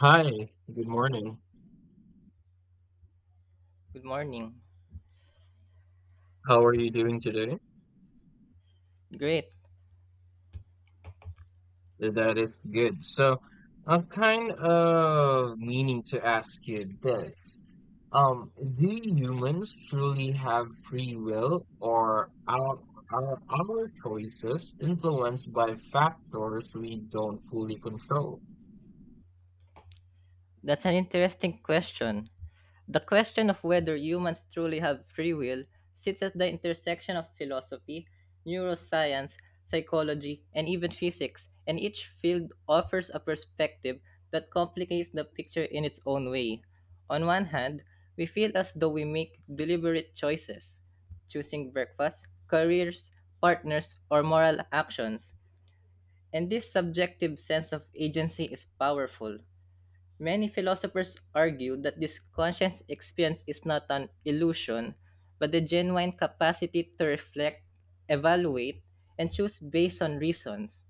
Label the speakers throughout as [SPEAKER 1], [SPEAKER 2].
[SPEAKER 1] Hi, good morning.
[SPEAKER 2] Good morning.
[SPEAKER 1] How are you doing today?
[SPEAKER 2] Great.
[SPEAKER 1] That is good. So, I'm kind of meaning to ask you this. Do humans truly have free will, or are our choices influenced by factors we don't fully control?
[SPEAKER 2] That's an interesting question. The question of whether humans truly have free will sits at the intersection of philosophy, neuroscience, psychology, and even physics, and each field offers a perspective that complicates the picture in its own way. On one hand, we feel as though we make deliberate choices, choosing breakfast, careers, partners, or moral actions, and this subjective sense of agency is powerful. Many philosophers argue that this conscious experience is not an illusion, but the genuine capacity to reflect, evaluate, and choose based on reasons.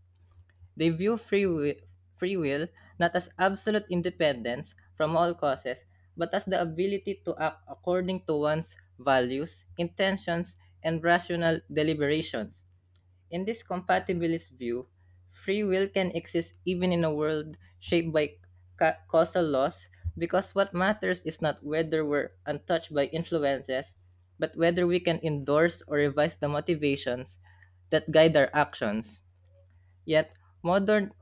[SPEAKER 2] They view free will not as absolute independence from all causes, but as the ability to act according to one's values, intentions, and rational deliberations. In this compatibilist view, free will can exist even in a world shaped by causal laws because what matters is not whether we're untouched by influences, but whether we can endorse or revise the motivations that guide our actions. Yet, modern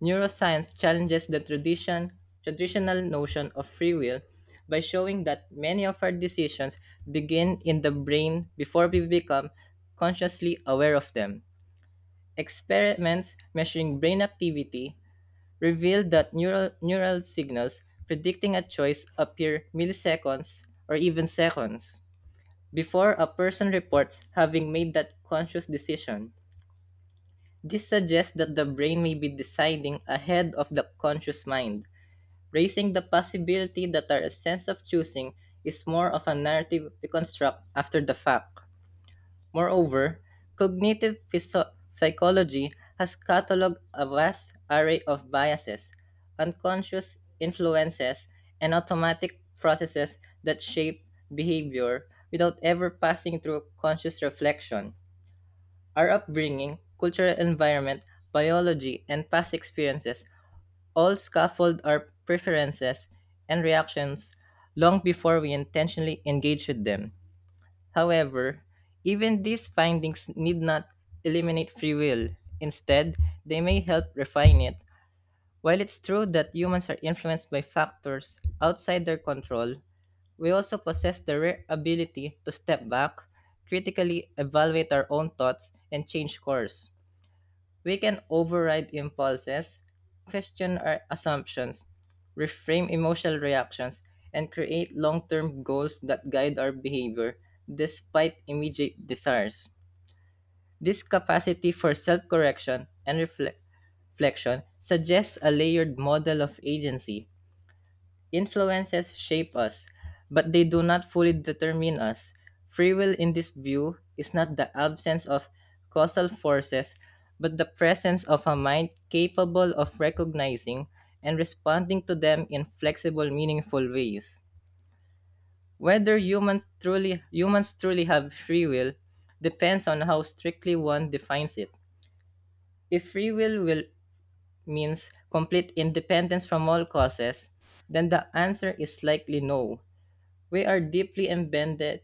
[SPEAKER 2] neuroscience challenges the traditional notion of free will by showing that many of our decisions begin in the brain before we become consciously aware of them. Experiments measuring brain activity revealed that neural signals predicting a choice appear milliseconds or even seconds before a person reports having made that conscious decision. This suggests that the brain may be deciding ahead of the conscious mind, raising the possibility that our sense of choosing is more of a narrative we construct after the fact. Moreover, cognitive psychology has cataloged a vast array of biases, unconscious influences, and automatic processes that shape behavior without ever passing through conscious reflection. Our upbringing, cultural environment, biology, and past experiences all scaffold our preferences and reactions long before we intentionally engage with them. However, even these findings need not eliminate free will. Instead, they may help refine it. While it's true that humans are influenced by factors outside their control, we also possess the rare ability to step back, critically evaluate our own thoughts, and change course. We can override impulses, question our assumptions, reframe emotional reactions, and create long term goals that guide our behavior despite immediate desires. This capacity for self correction and reflection suggests a layered model of agency. Influences shape us, but they do not fully determine us. Free will, in this view, is not the absence of causal forces, but the presence of a mind capable of recognizing and responding to them in flexible, meaningful ways. Whether humans truly have free will depends on how strictly one defines it. If will means complete independence from all causes, then the answer is likely no. We are deeply embedded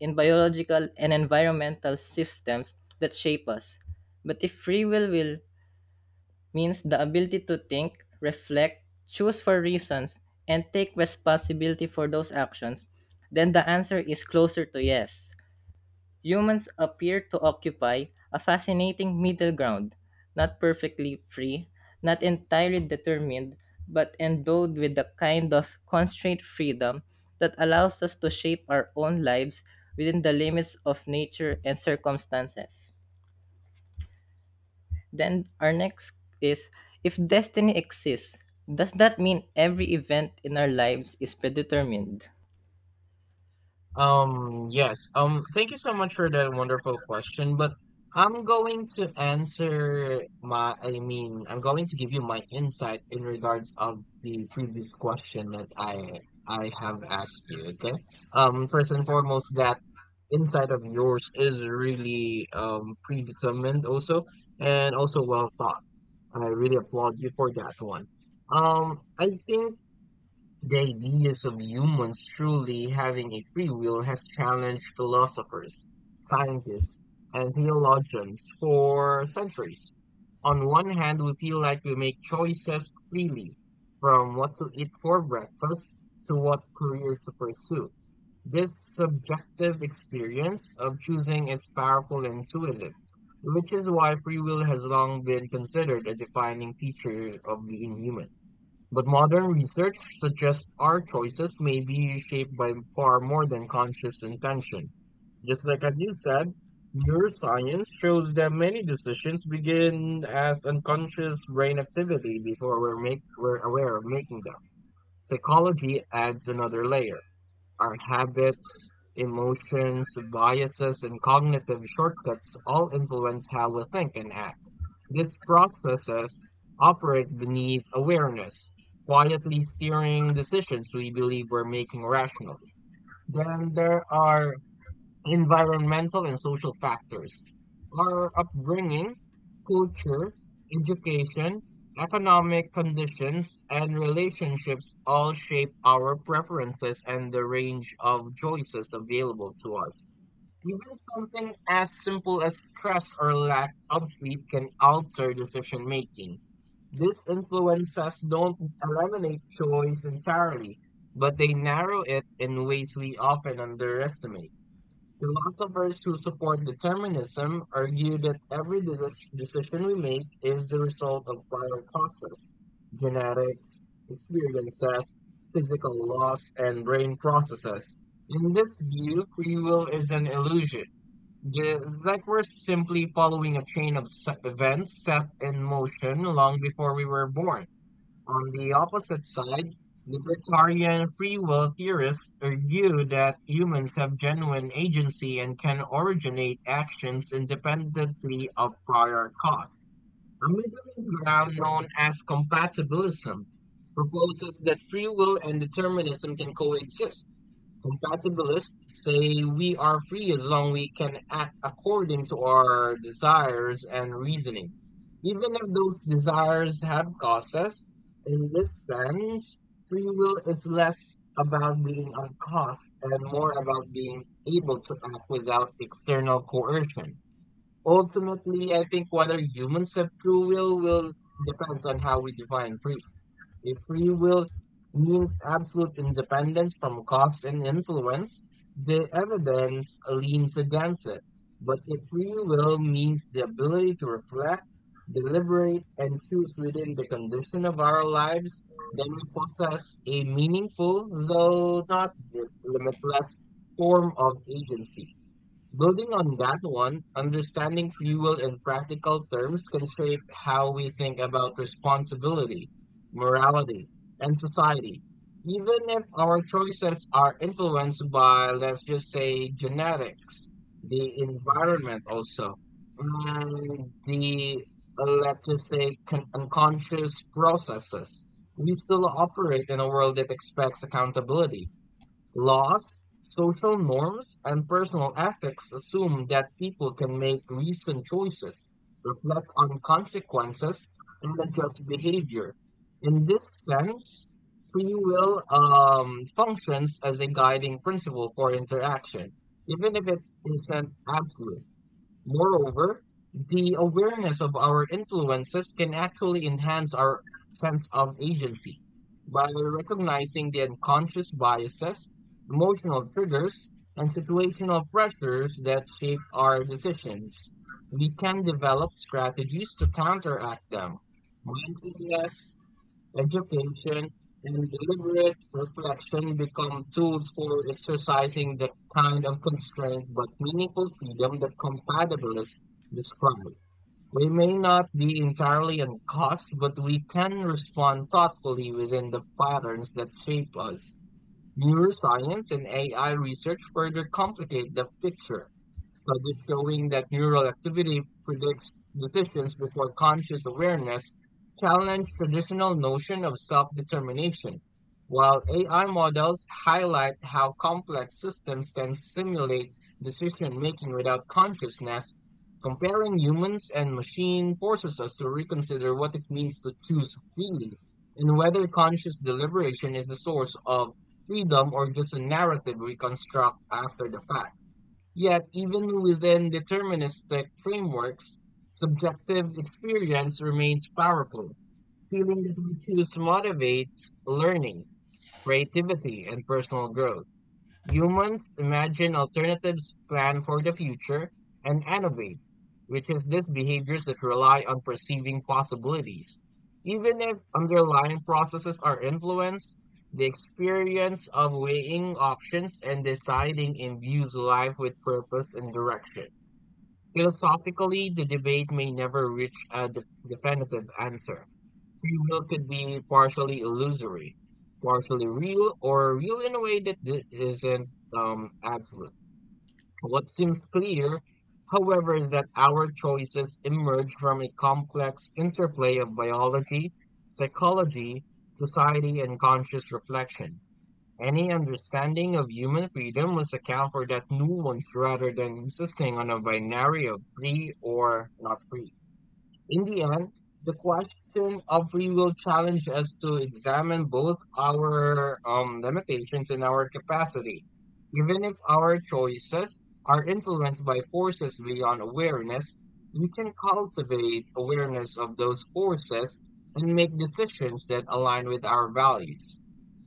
[SPEAKER 2] in biological and environmental systems that shape us. But if will means the ability to think, reflect, choose for reasons, and take responsibility for those actions, then the answer is closer to yes. Humans appear to occupy a fascinating middle ground, not perfectly free, not entirely determined, but endowed with the kind of constrained freedom that allows us to shape our own lives within the limits of nature and circumstances. Then our next is, if destiny exists, does that mean every event in our lives is predetermined?
[SPEAKER 1] Yes. Thank you so much for that wonderful question, but I'm going to answer my, I mean, I'm going to give you my insight in regards of the previous question that I have asked you, okay? First and foremost, that insight of yours is really predetermined also and also well thought. I really applaud you for that one. I think the ideas of humans truly having a free will has challenged philosophers, scientists, and theologians for centuries. On one hand, we feel like we make choices freely, from what to eat for breakfast to what career to pursue. This subjective experience of choosing is powerful and intuitive, which is why free will has long been considered a defining feature of being human. But modern research suggests our choices may be shaped by far more than conscious intention. Just like as you said, neuroscience shows that many decisions begin as unconscious brain activity before we're aware of making them. Psychology adds another layer. Our habits, emotions, biases, and cognitive shortcuts all influence how we think and act. These processes operate beneath awareness, quietly steering decisions we believe we're making rationally. Then there are environmental and social factors. Our upbringing, culture, education, economic conditions, and relationships all shape our preferences and the range of choices available to us. Even something as simple as stress or lack of sleep can alter decision making. These influences don't eliminate choice entirely, but they narrow it in ways we often underestimate. Philosophers who support determinism argue that every decision we make is the result of prior causes, genetics, experiences, physical laws, and brain processes. In this view, free will is an illusion. It's like we're simply following a chain of events set in motion long before we were born. On the opposite side, libertarian free will theorists argue that humans have genuine agency and can originate actions independently of prior cause. A middle ground known as compatibilism proposes that free will and determinism can coexist. Compatibilists say we are free as long we can act according to our desires and reasoning, even if those desires have causes. In this sense, free will is less about being on cost and more about being able to act without external coercion. Ultimately, I think whether humans have true will depends on how we define free. A free will means absolute independence from cause and influence. The evidence leans against it. But a free will means the ability to reflect, deliberate, and choose within the condition of our lives. Then we possess a meaningful, though not limitless, form of agency. Building on that one, understanding fuel in practical terms can shape how we think about responsibility, morality, and society. Even if our choices are influenced by, let's just say, genetics, the environment also, and let's just say, unconscious processes, we still operate in a world that expects accountability. Laws, social norms, and personal ethics assume that people can make reasoned choices, reflect on consequences, and adjust behavior. In this sense, free will functions as a guiding principle for interaction, even if it isn't absolute. Moreover, the awareness of our influences can actually enhance our sense of agency. By recognizing the unconscious biases, emotional triggers, and situational pressures that shape our decisions, we can develop strategies to counteract them. Mindfulness, education, and deliberate reflection become tools for exercising the kind of constraint but meaningful freedom that compatibilists describe. We may not be entirely on cost, but we can respond thoughtfully within the patterns that shape us. Neuroscience and AI research further complicate the picture. Studies showing that neural activity predicts decisions before conscious awareness challenge traditional notion of self-determination, while AI models highlight how complex systems can simulate decision-making without consciousness. Comparing humans and machine forces us to reconsider what it means to choose freely and whether conscious deliberation is the source of freedom or just a narrative we construct after the fact. Yet, even within deterministic frameworks, subjective experience remains powerful. Feeling that we choose motivates learning, creativity, and personal growth. Humans imagine alternatives, plan for the future, and innovate, which is these behaviors that rely on perceiving possibilities. Even if underlying processes are influenced, the experience of weighing options and deciding imbues life with purpose and direction. Philosophically, the debate may never reach a definitive answer. Free will could be partially illusory, partially real, or real in a way that isn't absolute. What seems clear, however, is that our choices emerge from a complex interplay of biology, psychology, society, and conscious reflection. Any understanding of human freedom must account for that nuance rather than insisting on a binary of free or not free. In the end, the question of free will challenged us to examine both our limitations and our capacity. Even if our choices are influenced by forces beyond awareness, we can cultivate awareness of those forces and make decisions that align with our values.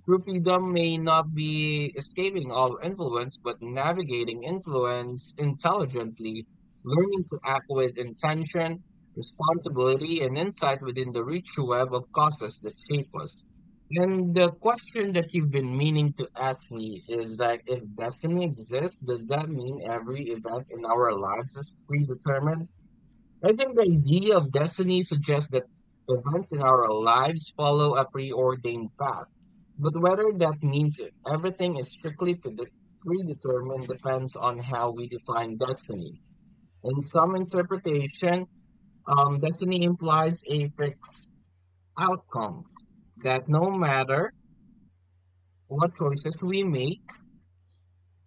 [SPEAKER 1] True freedom may not be escaping all influence, but navigating influence intelligently, learning to act with intention, responsibility, and insight within the rich web of causes that shape us. And the question that you've been meaning to ask me is that if destiny exists, does that mean every event in our lives is predetermined? I think the idea of destiny suggests that events in our lives follow a preordained path, but whether that means everything is strictly predetermined depends on how we define destiny. In some interpretation, destiny implies a fixed outcome that no matter what choices we make,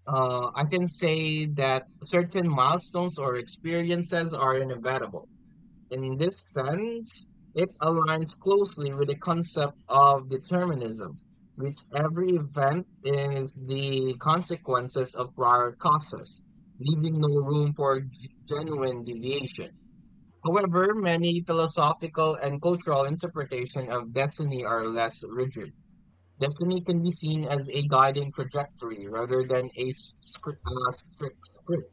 [SPEAKER 1] I can say that certain milestones or experiences are inevitable. In this sense, it aligns closely with the concept of determinism, which every event is the consequences of prior causes, leaving no room for genuine deviation. However, many philosophical and cultural interpretations of destiny are less rigid. Destiny can be seen as a guiding trajectory rather than a strict script.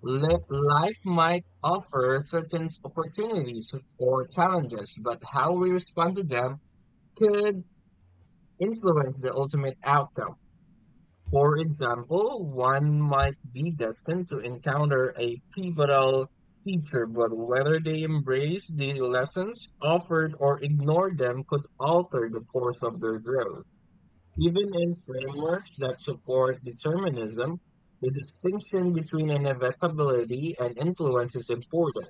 [SPEAKER 1] Life might offer certain opportunities or challenges, but how we respond to them could influence the ultimate outcome. For example, one might be destined to encounter a pivotal teacher, but whether they embrace the lessons offered or ignore them could alter the course of their growth. Even in frameworks that support determinism, the distinction between inevitability and influence is important.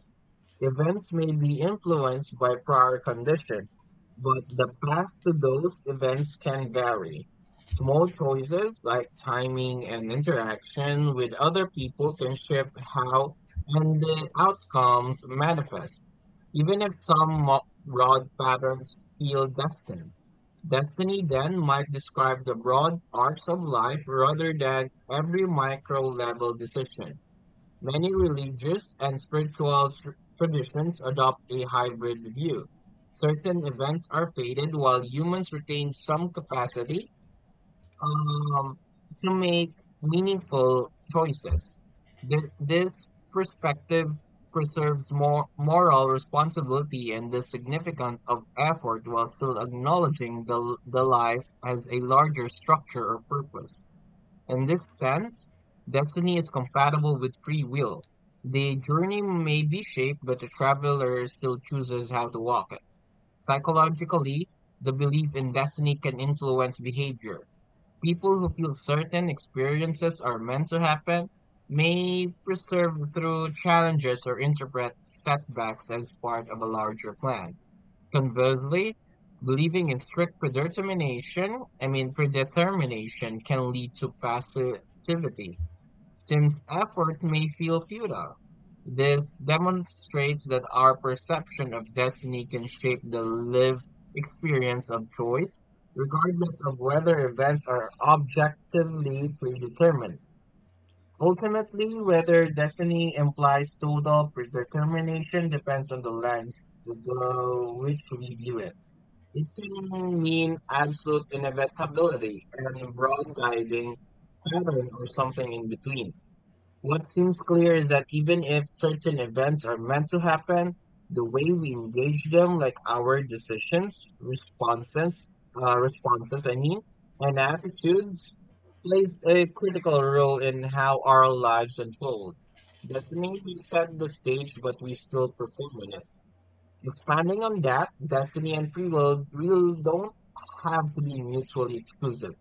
[SPEAKER 1] Events may be influenced by prior condition, but the path to those events can vary. Small choices like timing and interaction with other people can shift how and the outcomes manifest, even if some broad patterns feel destined. Destiny then might describe the broad arcs of life rather than every micro level decision. Many religious and spiritual traditions adopt a hybrid view. Certain events are faded while humans retain some capacity um, to make meaningful choices. This perspective preserves more moral responsibility and the significance of effort while still acknowledging the life as a larger structure or purpose. In this sense, destiny is compatible with free will. The journey may be shaped, but the traveler still chooses how to walk it. Psychologically, the belief in destiny can influence behavior. People who feel certain experiences are meant to happen may persevere through challenges or interpret setbacks as part of a larger plan. Conversely, believing in strict predetermination, I mean predetermination can lead to passivity, since effort may feel futile. This demonstrates that our perception of destiny can shape the lived experience of choice, regardless of whether events are objectively predetermined. Ultimately, whether destiny implies total predetermination depends on the lens through which we view it. It can mean absolute inevitability and a broad guiding pattern or something in between. What seems clear is that even if certain events are meant to happen, the way we engage them, like our decisions, responses, and attitudes, plays a critical role in how our lives unfold. Destiny we set the stage, but we still perform in it. Expanding on that, destiny and free will really don't have to be mutually exclusive,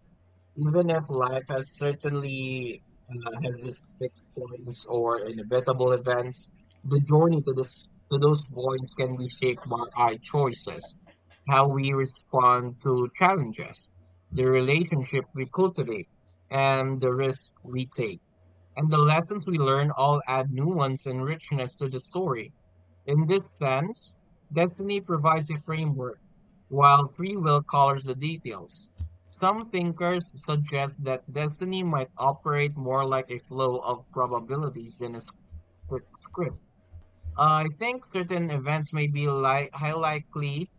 [SPEAKER 1] even if life has certainly has these fixed points or inevitable events. The journey to this to those points can be shaped by our choices, how we respond to challenges, the relationship we cultivate, and the risk we take. And the lessons we learn all add nuance and richness to the story. In this sense, destiny provides a framework, while free will colors the details. Some thinkers suggest that destiny might operate more like a flow of probabilities than a strict script. I think certain events may be highly likely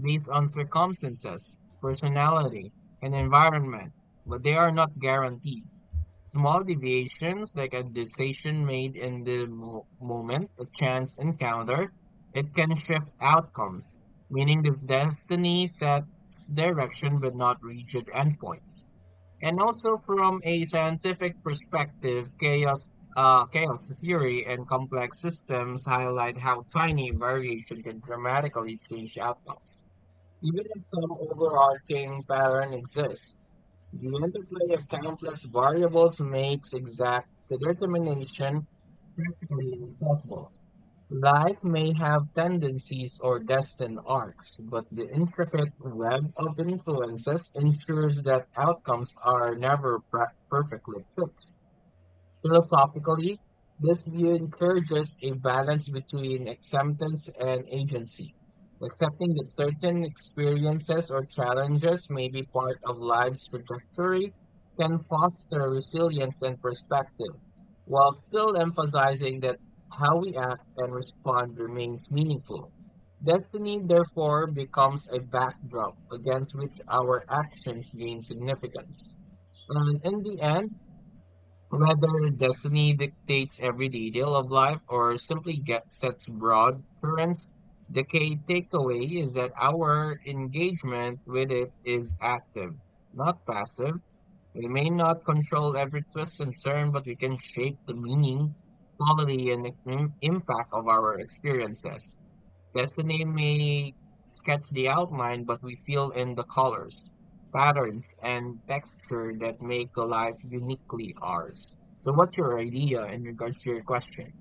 [SPEAKER 1] based on circumstances, personality, and environment, but they are not guaranteed. Small deviations, like a decision made in the moment, a chance encounter, it can shift outcomes, meaning the destiny sets direction but not rigid endpoints. And also, from a scientific perspective, chaos theory and complex systems highlight how tiny variation can dramatically change outcomes. Even if some overarching pattern exists, the interplay of countless variables makes exact determination practically impossible. Life may have tendencies or destined arcs, but the intricate web of influences ensures that outcomes are never perfectly fixed. Philosophically, this view encourages a balance between acceptance and agency. Accepting that certain experiences or challenges may be part of life's trajectory can foster resilience and perspective, while still emphasizing that how we act and respond remains meaningful. Destiny, therefore, becomes a backdrop against which our actions gain significance. And in the end, whether destiny dictates every detail of life or simply sets broad currents, the key takeaway is that our engagement with it is active, not passive. We may not control every twist and turn, but we can shape the meaning, quality, and impact of our experiences. Destiny may sketch the outline, but we fill in the colors, patterns, and texture that make the life uniquely ours. So, what's your idea in regards to your question?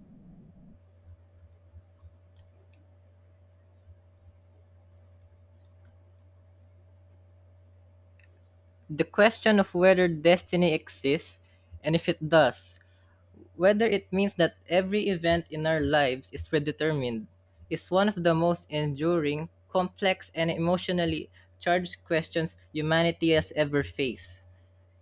[SPEAKER 2] The question of whether destiny exists and, if it does, whether it means that every event in our lives is predetermined is one of the most enduring, complex, and emotionally charged questions humanity has ever faced.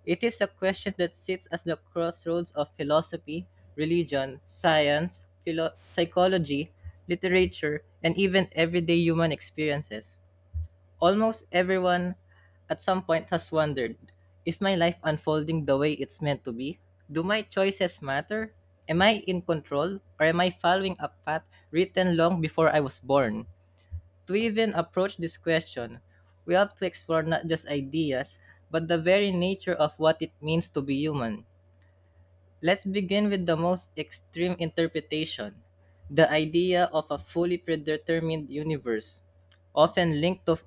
[SPEAKER 2] It is a question that sits at the crossroads of philosophy, religion, science, psychology, literature, and even everyday human experiences. Almost everyone at some point has wondered: is my life unfolding the way it's meant to be? Do my choices matter? Am I in control? Or am I following a path written long before I was born? To even approach this question, we have to explore not just ideas, but the very nature of what it means to be human. Let's begin with the most extreme interpretation: the idea of a fully predetermined universe, often linked to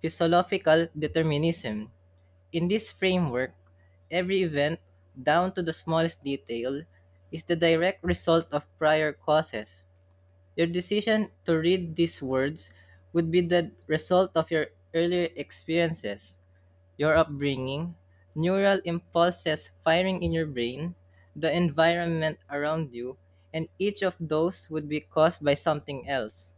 [SPEAKER 2] physiological determinism. In this framework, every event, down to the smallest detail, is the direct result of prior causes. Your decision to read these words would be the result of your earlier experiences, your upbringing, neural impulses firing in your brain, the environment around you, and each of those would be caused by something else,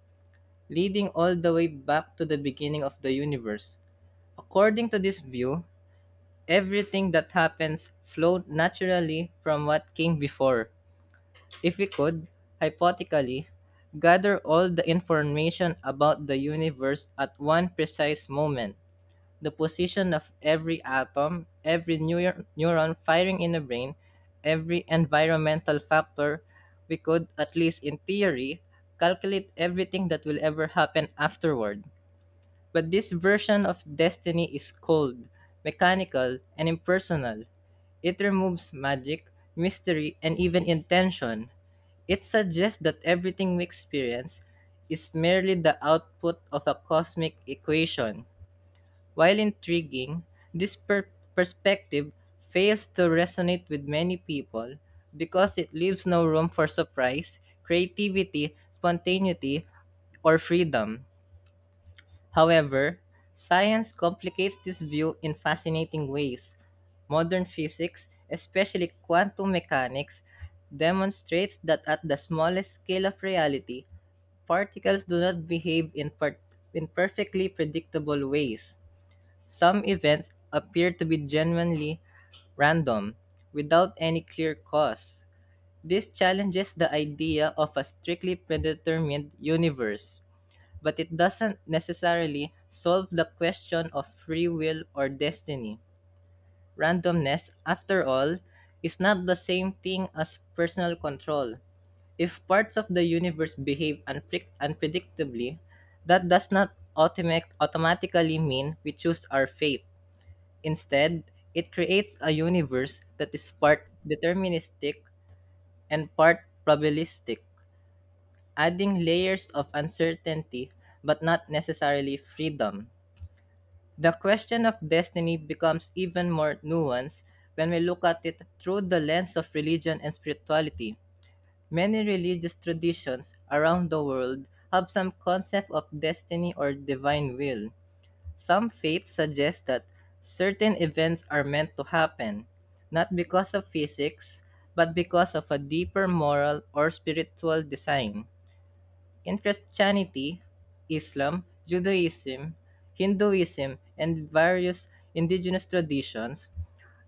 [SPEAKER 2] leading all the way back to the beginning of the universe. According to this view, everything that happens flowed naturally from what came before. If we could, hypothetically, gather all the information about the universe at one precise moment, the position of every atom, every neuron firing in the brain, every environmental factor, we could, at least in theory, calculate everything that will ever happen afterward. But this version of destiny is cold, mechanical, and impersonal. It removes magic, mystery, and even intention. It suggests that everything we experience is merely the output of a cosmic equation. While intriguing, this perspective fails to resonate with many people because it leaves no room for surprise, creativity, spontaneity, or freedom. However, science complicates this view in fascinating ways. Modern physics, especially quantum mechanics, demonstrates that at the smallest scale of reality, particles do not behave in perfectly predictable ways. Some events appear to be genuinely random, without any clear cause. This challenges the idea of a strictly predetermined universe, but it doesn't necessarily solve the question of free will or destiny. Randomness, after all, is not the same thing as personal control. If parts of the universe behave unpredictably, that does not automatically mean we choose our fate. Instead, it creates a universe that is part deterministic and part probabilistic, adding layers of uncertainty but not necessarily freedom. The question of destiny becomes even more nuanced when we look at it through the lens of religion and spirituality. Many religious traditions around the world have some concept of destiny or divine will. Some faiths suggest that certain events are meant to happen, not because of physics, but because of a deeper moral or spiritual design. In Christianity, Islam, Judaism, Hinduism, and various indigenous traditions,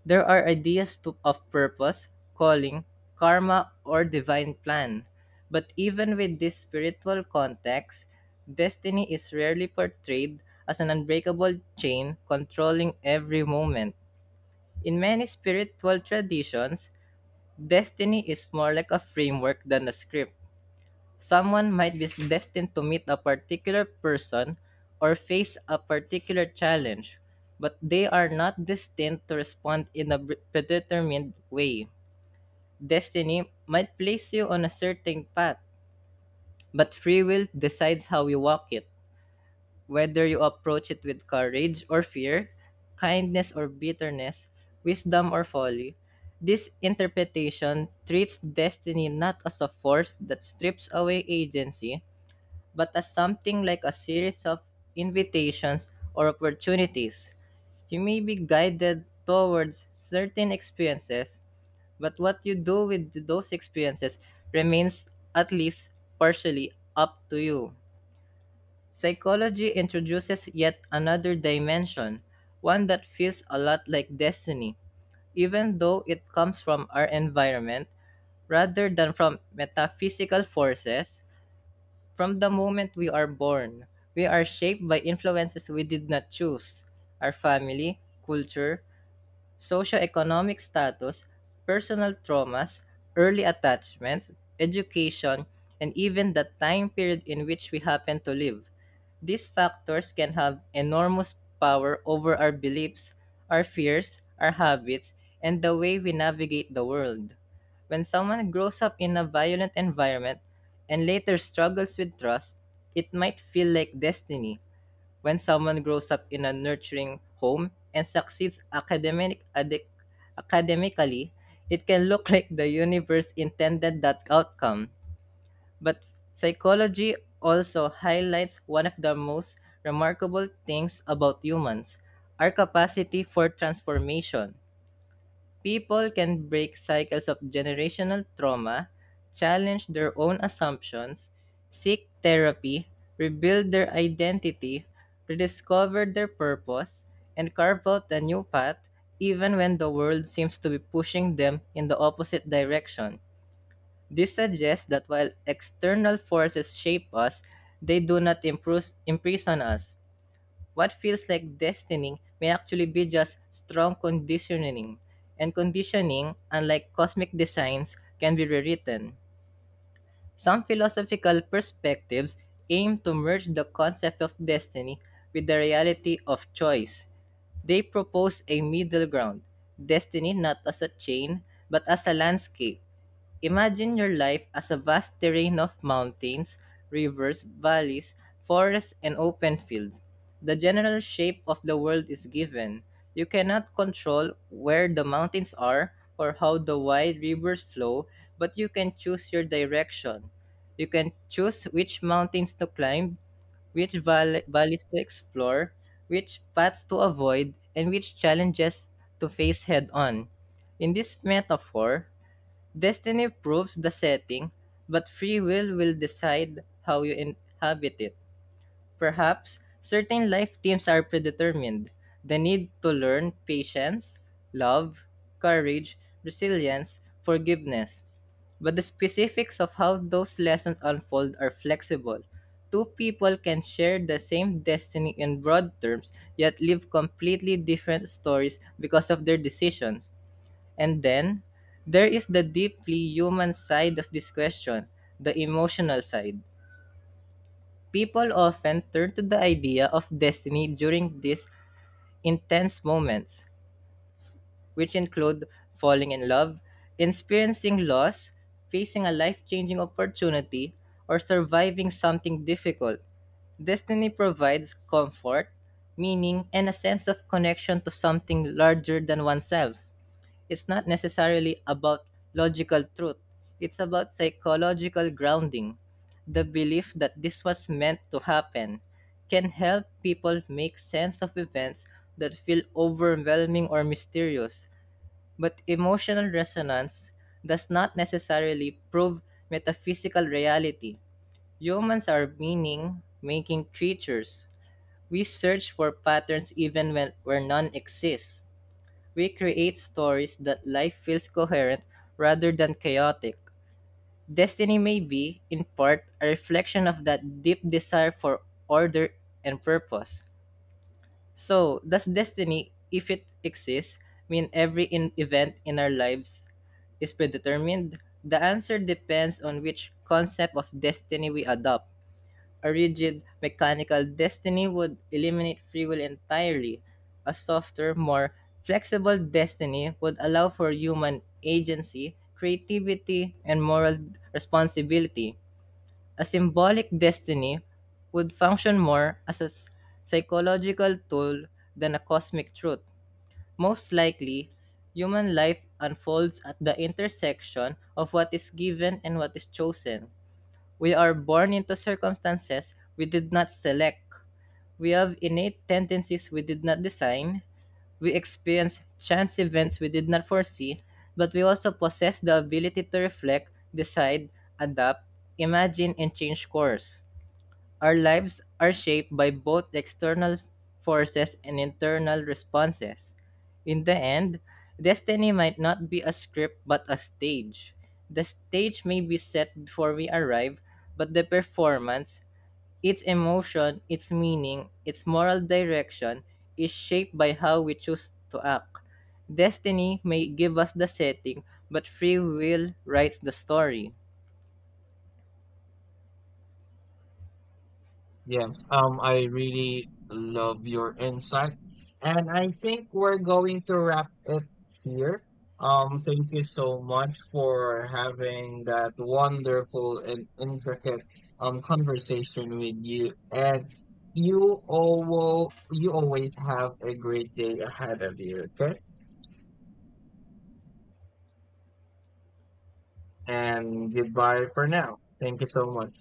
[SPEAKER 2] there are of purpose, calling, karma, or divine plan. But even with this spiritual context, destiny is rarely portrayed as an unbreakable chain controlling every moment. In many spiritual traditions, destiny is more like a framework than a script. Someone might be destined to meet a particular person or face a particular challenge, but they are not destined to respond in a predetermined way. Destiny might place you on a certain path, but free will decides how you walk it. Whether you approach it with courage or fear, kindness or bitterness, wisdom or folly, this interpretation treats destiny not as a force that strips away agency, but as something like a series of invitations or opportunities. You may be guided towards certain experiences, but what you do with those experiences remains, at least partially, up to you. Psychology introduces yet another dimension, one that feels a lot like destiny, even though it comes from our environment rather than from metaphysical forces. From the moment we are born, we are shaped by influences we did not choose: our family, culture, socioeconomic status, personal traumas, early attachments, education, and even the time period in which we happen to live. These factors can have enormous power over our beliefs, our fears, our habits, and the way we navigate the world. When someone grows up in a violent environment and later struggles with trust, it might feel like destiny. When someone grows up in a nurturing home and succeeds academically, it can look like the universe intended that outcome. But psychology also highlights one of the most remarkable things about humans: our capacity for transformation. People can break cycles of generational trauma, challenge their own assumptions, seek therapy, rebuild their identity, rediscover their purpose, and carve out a new path even when the world seems to be pushing them in the opposite direction. This suggests that while external forces shape us, they do not imprison us. What feels like destiny may actually be just strong conditioning, and conditioning, unlike cosmic designs, can be rewritten. Some philosophical perspectives aim to merge the concept of destiny with the reality of choice. They propose a middle ground: destiny not as a chain, but as a landscape. Imagine your life as a vast terrain of mountains, rivers, valleys, forests, and open fields. The general shape of the world is given. You cannot control where the mountains are or how the wide rivers flow, but you can choose your direction. You can choose which mountains to climb, which valleys to explore, which paths to avoid, and which challenges to face head on. In this metaphor, destiny proves the setting, but free will decide how you inhabit it. Perhaps certain life themes are predetermined: the need to learn patience, love, courage, resilience, forgiveness. But the specifics of how those lessons unfold are flexible. Two people can share the same destiny in broad terms, yet live completely different stories because of their decisions. And then there is the deeply human side of this question, the emotional side. People often turn to the idea of destiny during these intense moments, which include falling in love, experiencing loss, facing a life changing opportunity, or surviving something difficult. Destiny provides comfort, meaning, and a sense of connection to something larger than oneself. It's not necessarily about logical truth, it's about psychological grounding. The belief that this was meant to happen can help people make sense of events that feel overwhelming or mysterious, but emotional resonance does not necessarily prove metaphysical reality. Humans are meaning making creatures. We search for patterns even when where none exists. We create stories that life feels coherent rather than chaotic. Destiny may be, in part, a reflection of that deep desire for order and purpose. So, does destiny, if it exists, mean every event in our lives is predetermined? The answer depends on which concept of destiny we adopt. A rigid, mechanical destiny would eliminate free will entirely. A softer, more flexible destiny would allow for human agency, creativity, and moral responsibility. A symbolic destiny would function more as a psychological tool than a cosmic truth. Most likely, human life unfolds at the intersection of what is given and what is chosen. We are born into circumstances we did not select. We have innate tendencies we did not design. We experience chance events we did not foresee, but we also possess the ability to reflect, decide, adapt, imagine, and change course. Our lives are shaped by both external forces and internal responses. In the end, destiny might not be a script but a stage. The stage may be set before we arrive, but the performance, its emotion, its meaning, its moral direction, is shaped by how we choose to act. Destiny may give us the setting, but free will writes the story.
[SPEAKER 1] Yes, I really love your insight. And I think we're going to wrap it here. Thank you so much for having that wonderful and intricate conversation with you. And you always have a great day ahead of you, okay? And goodbye for now. Thank you so much.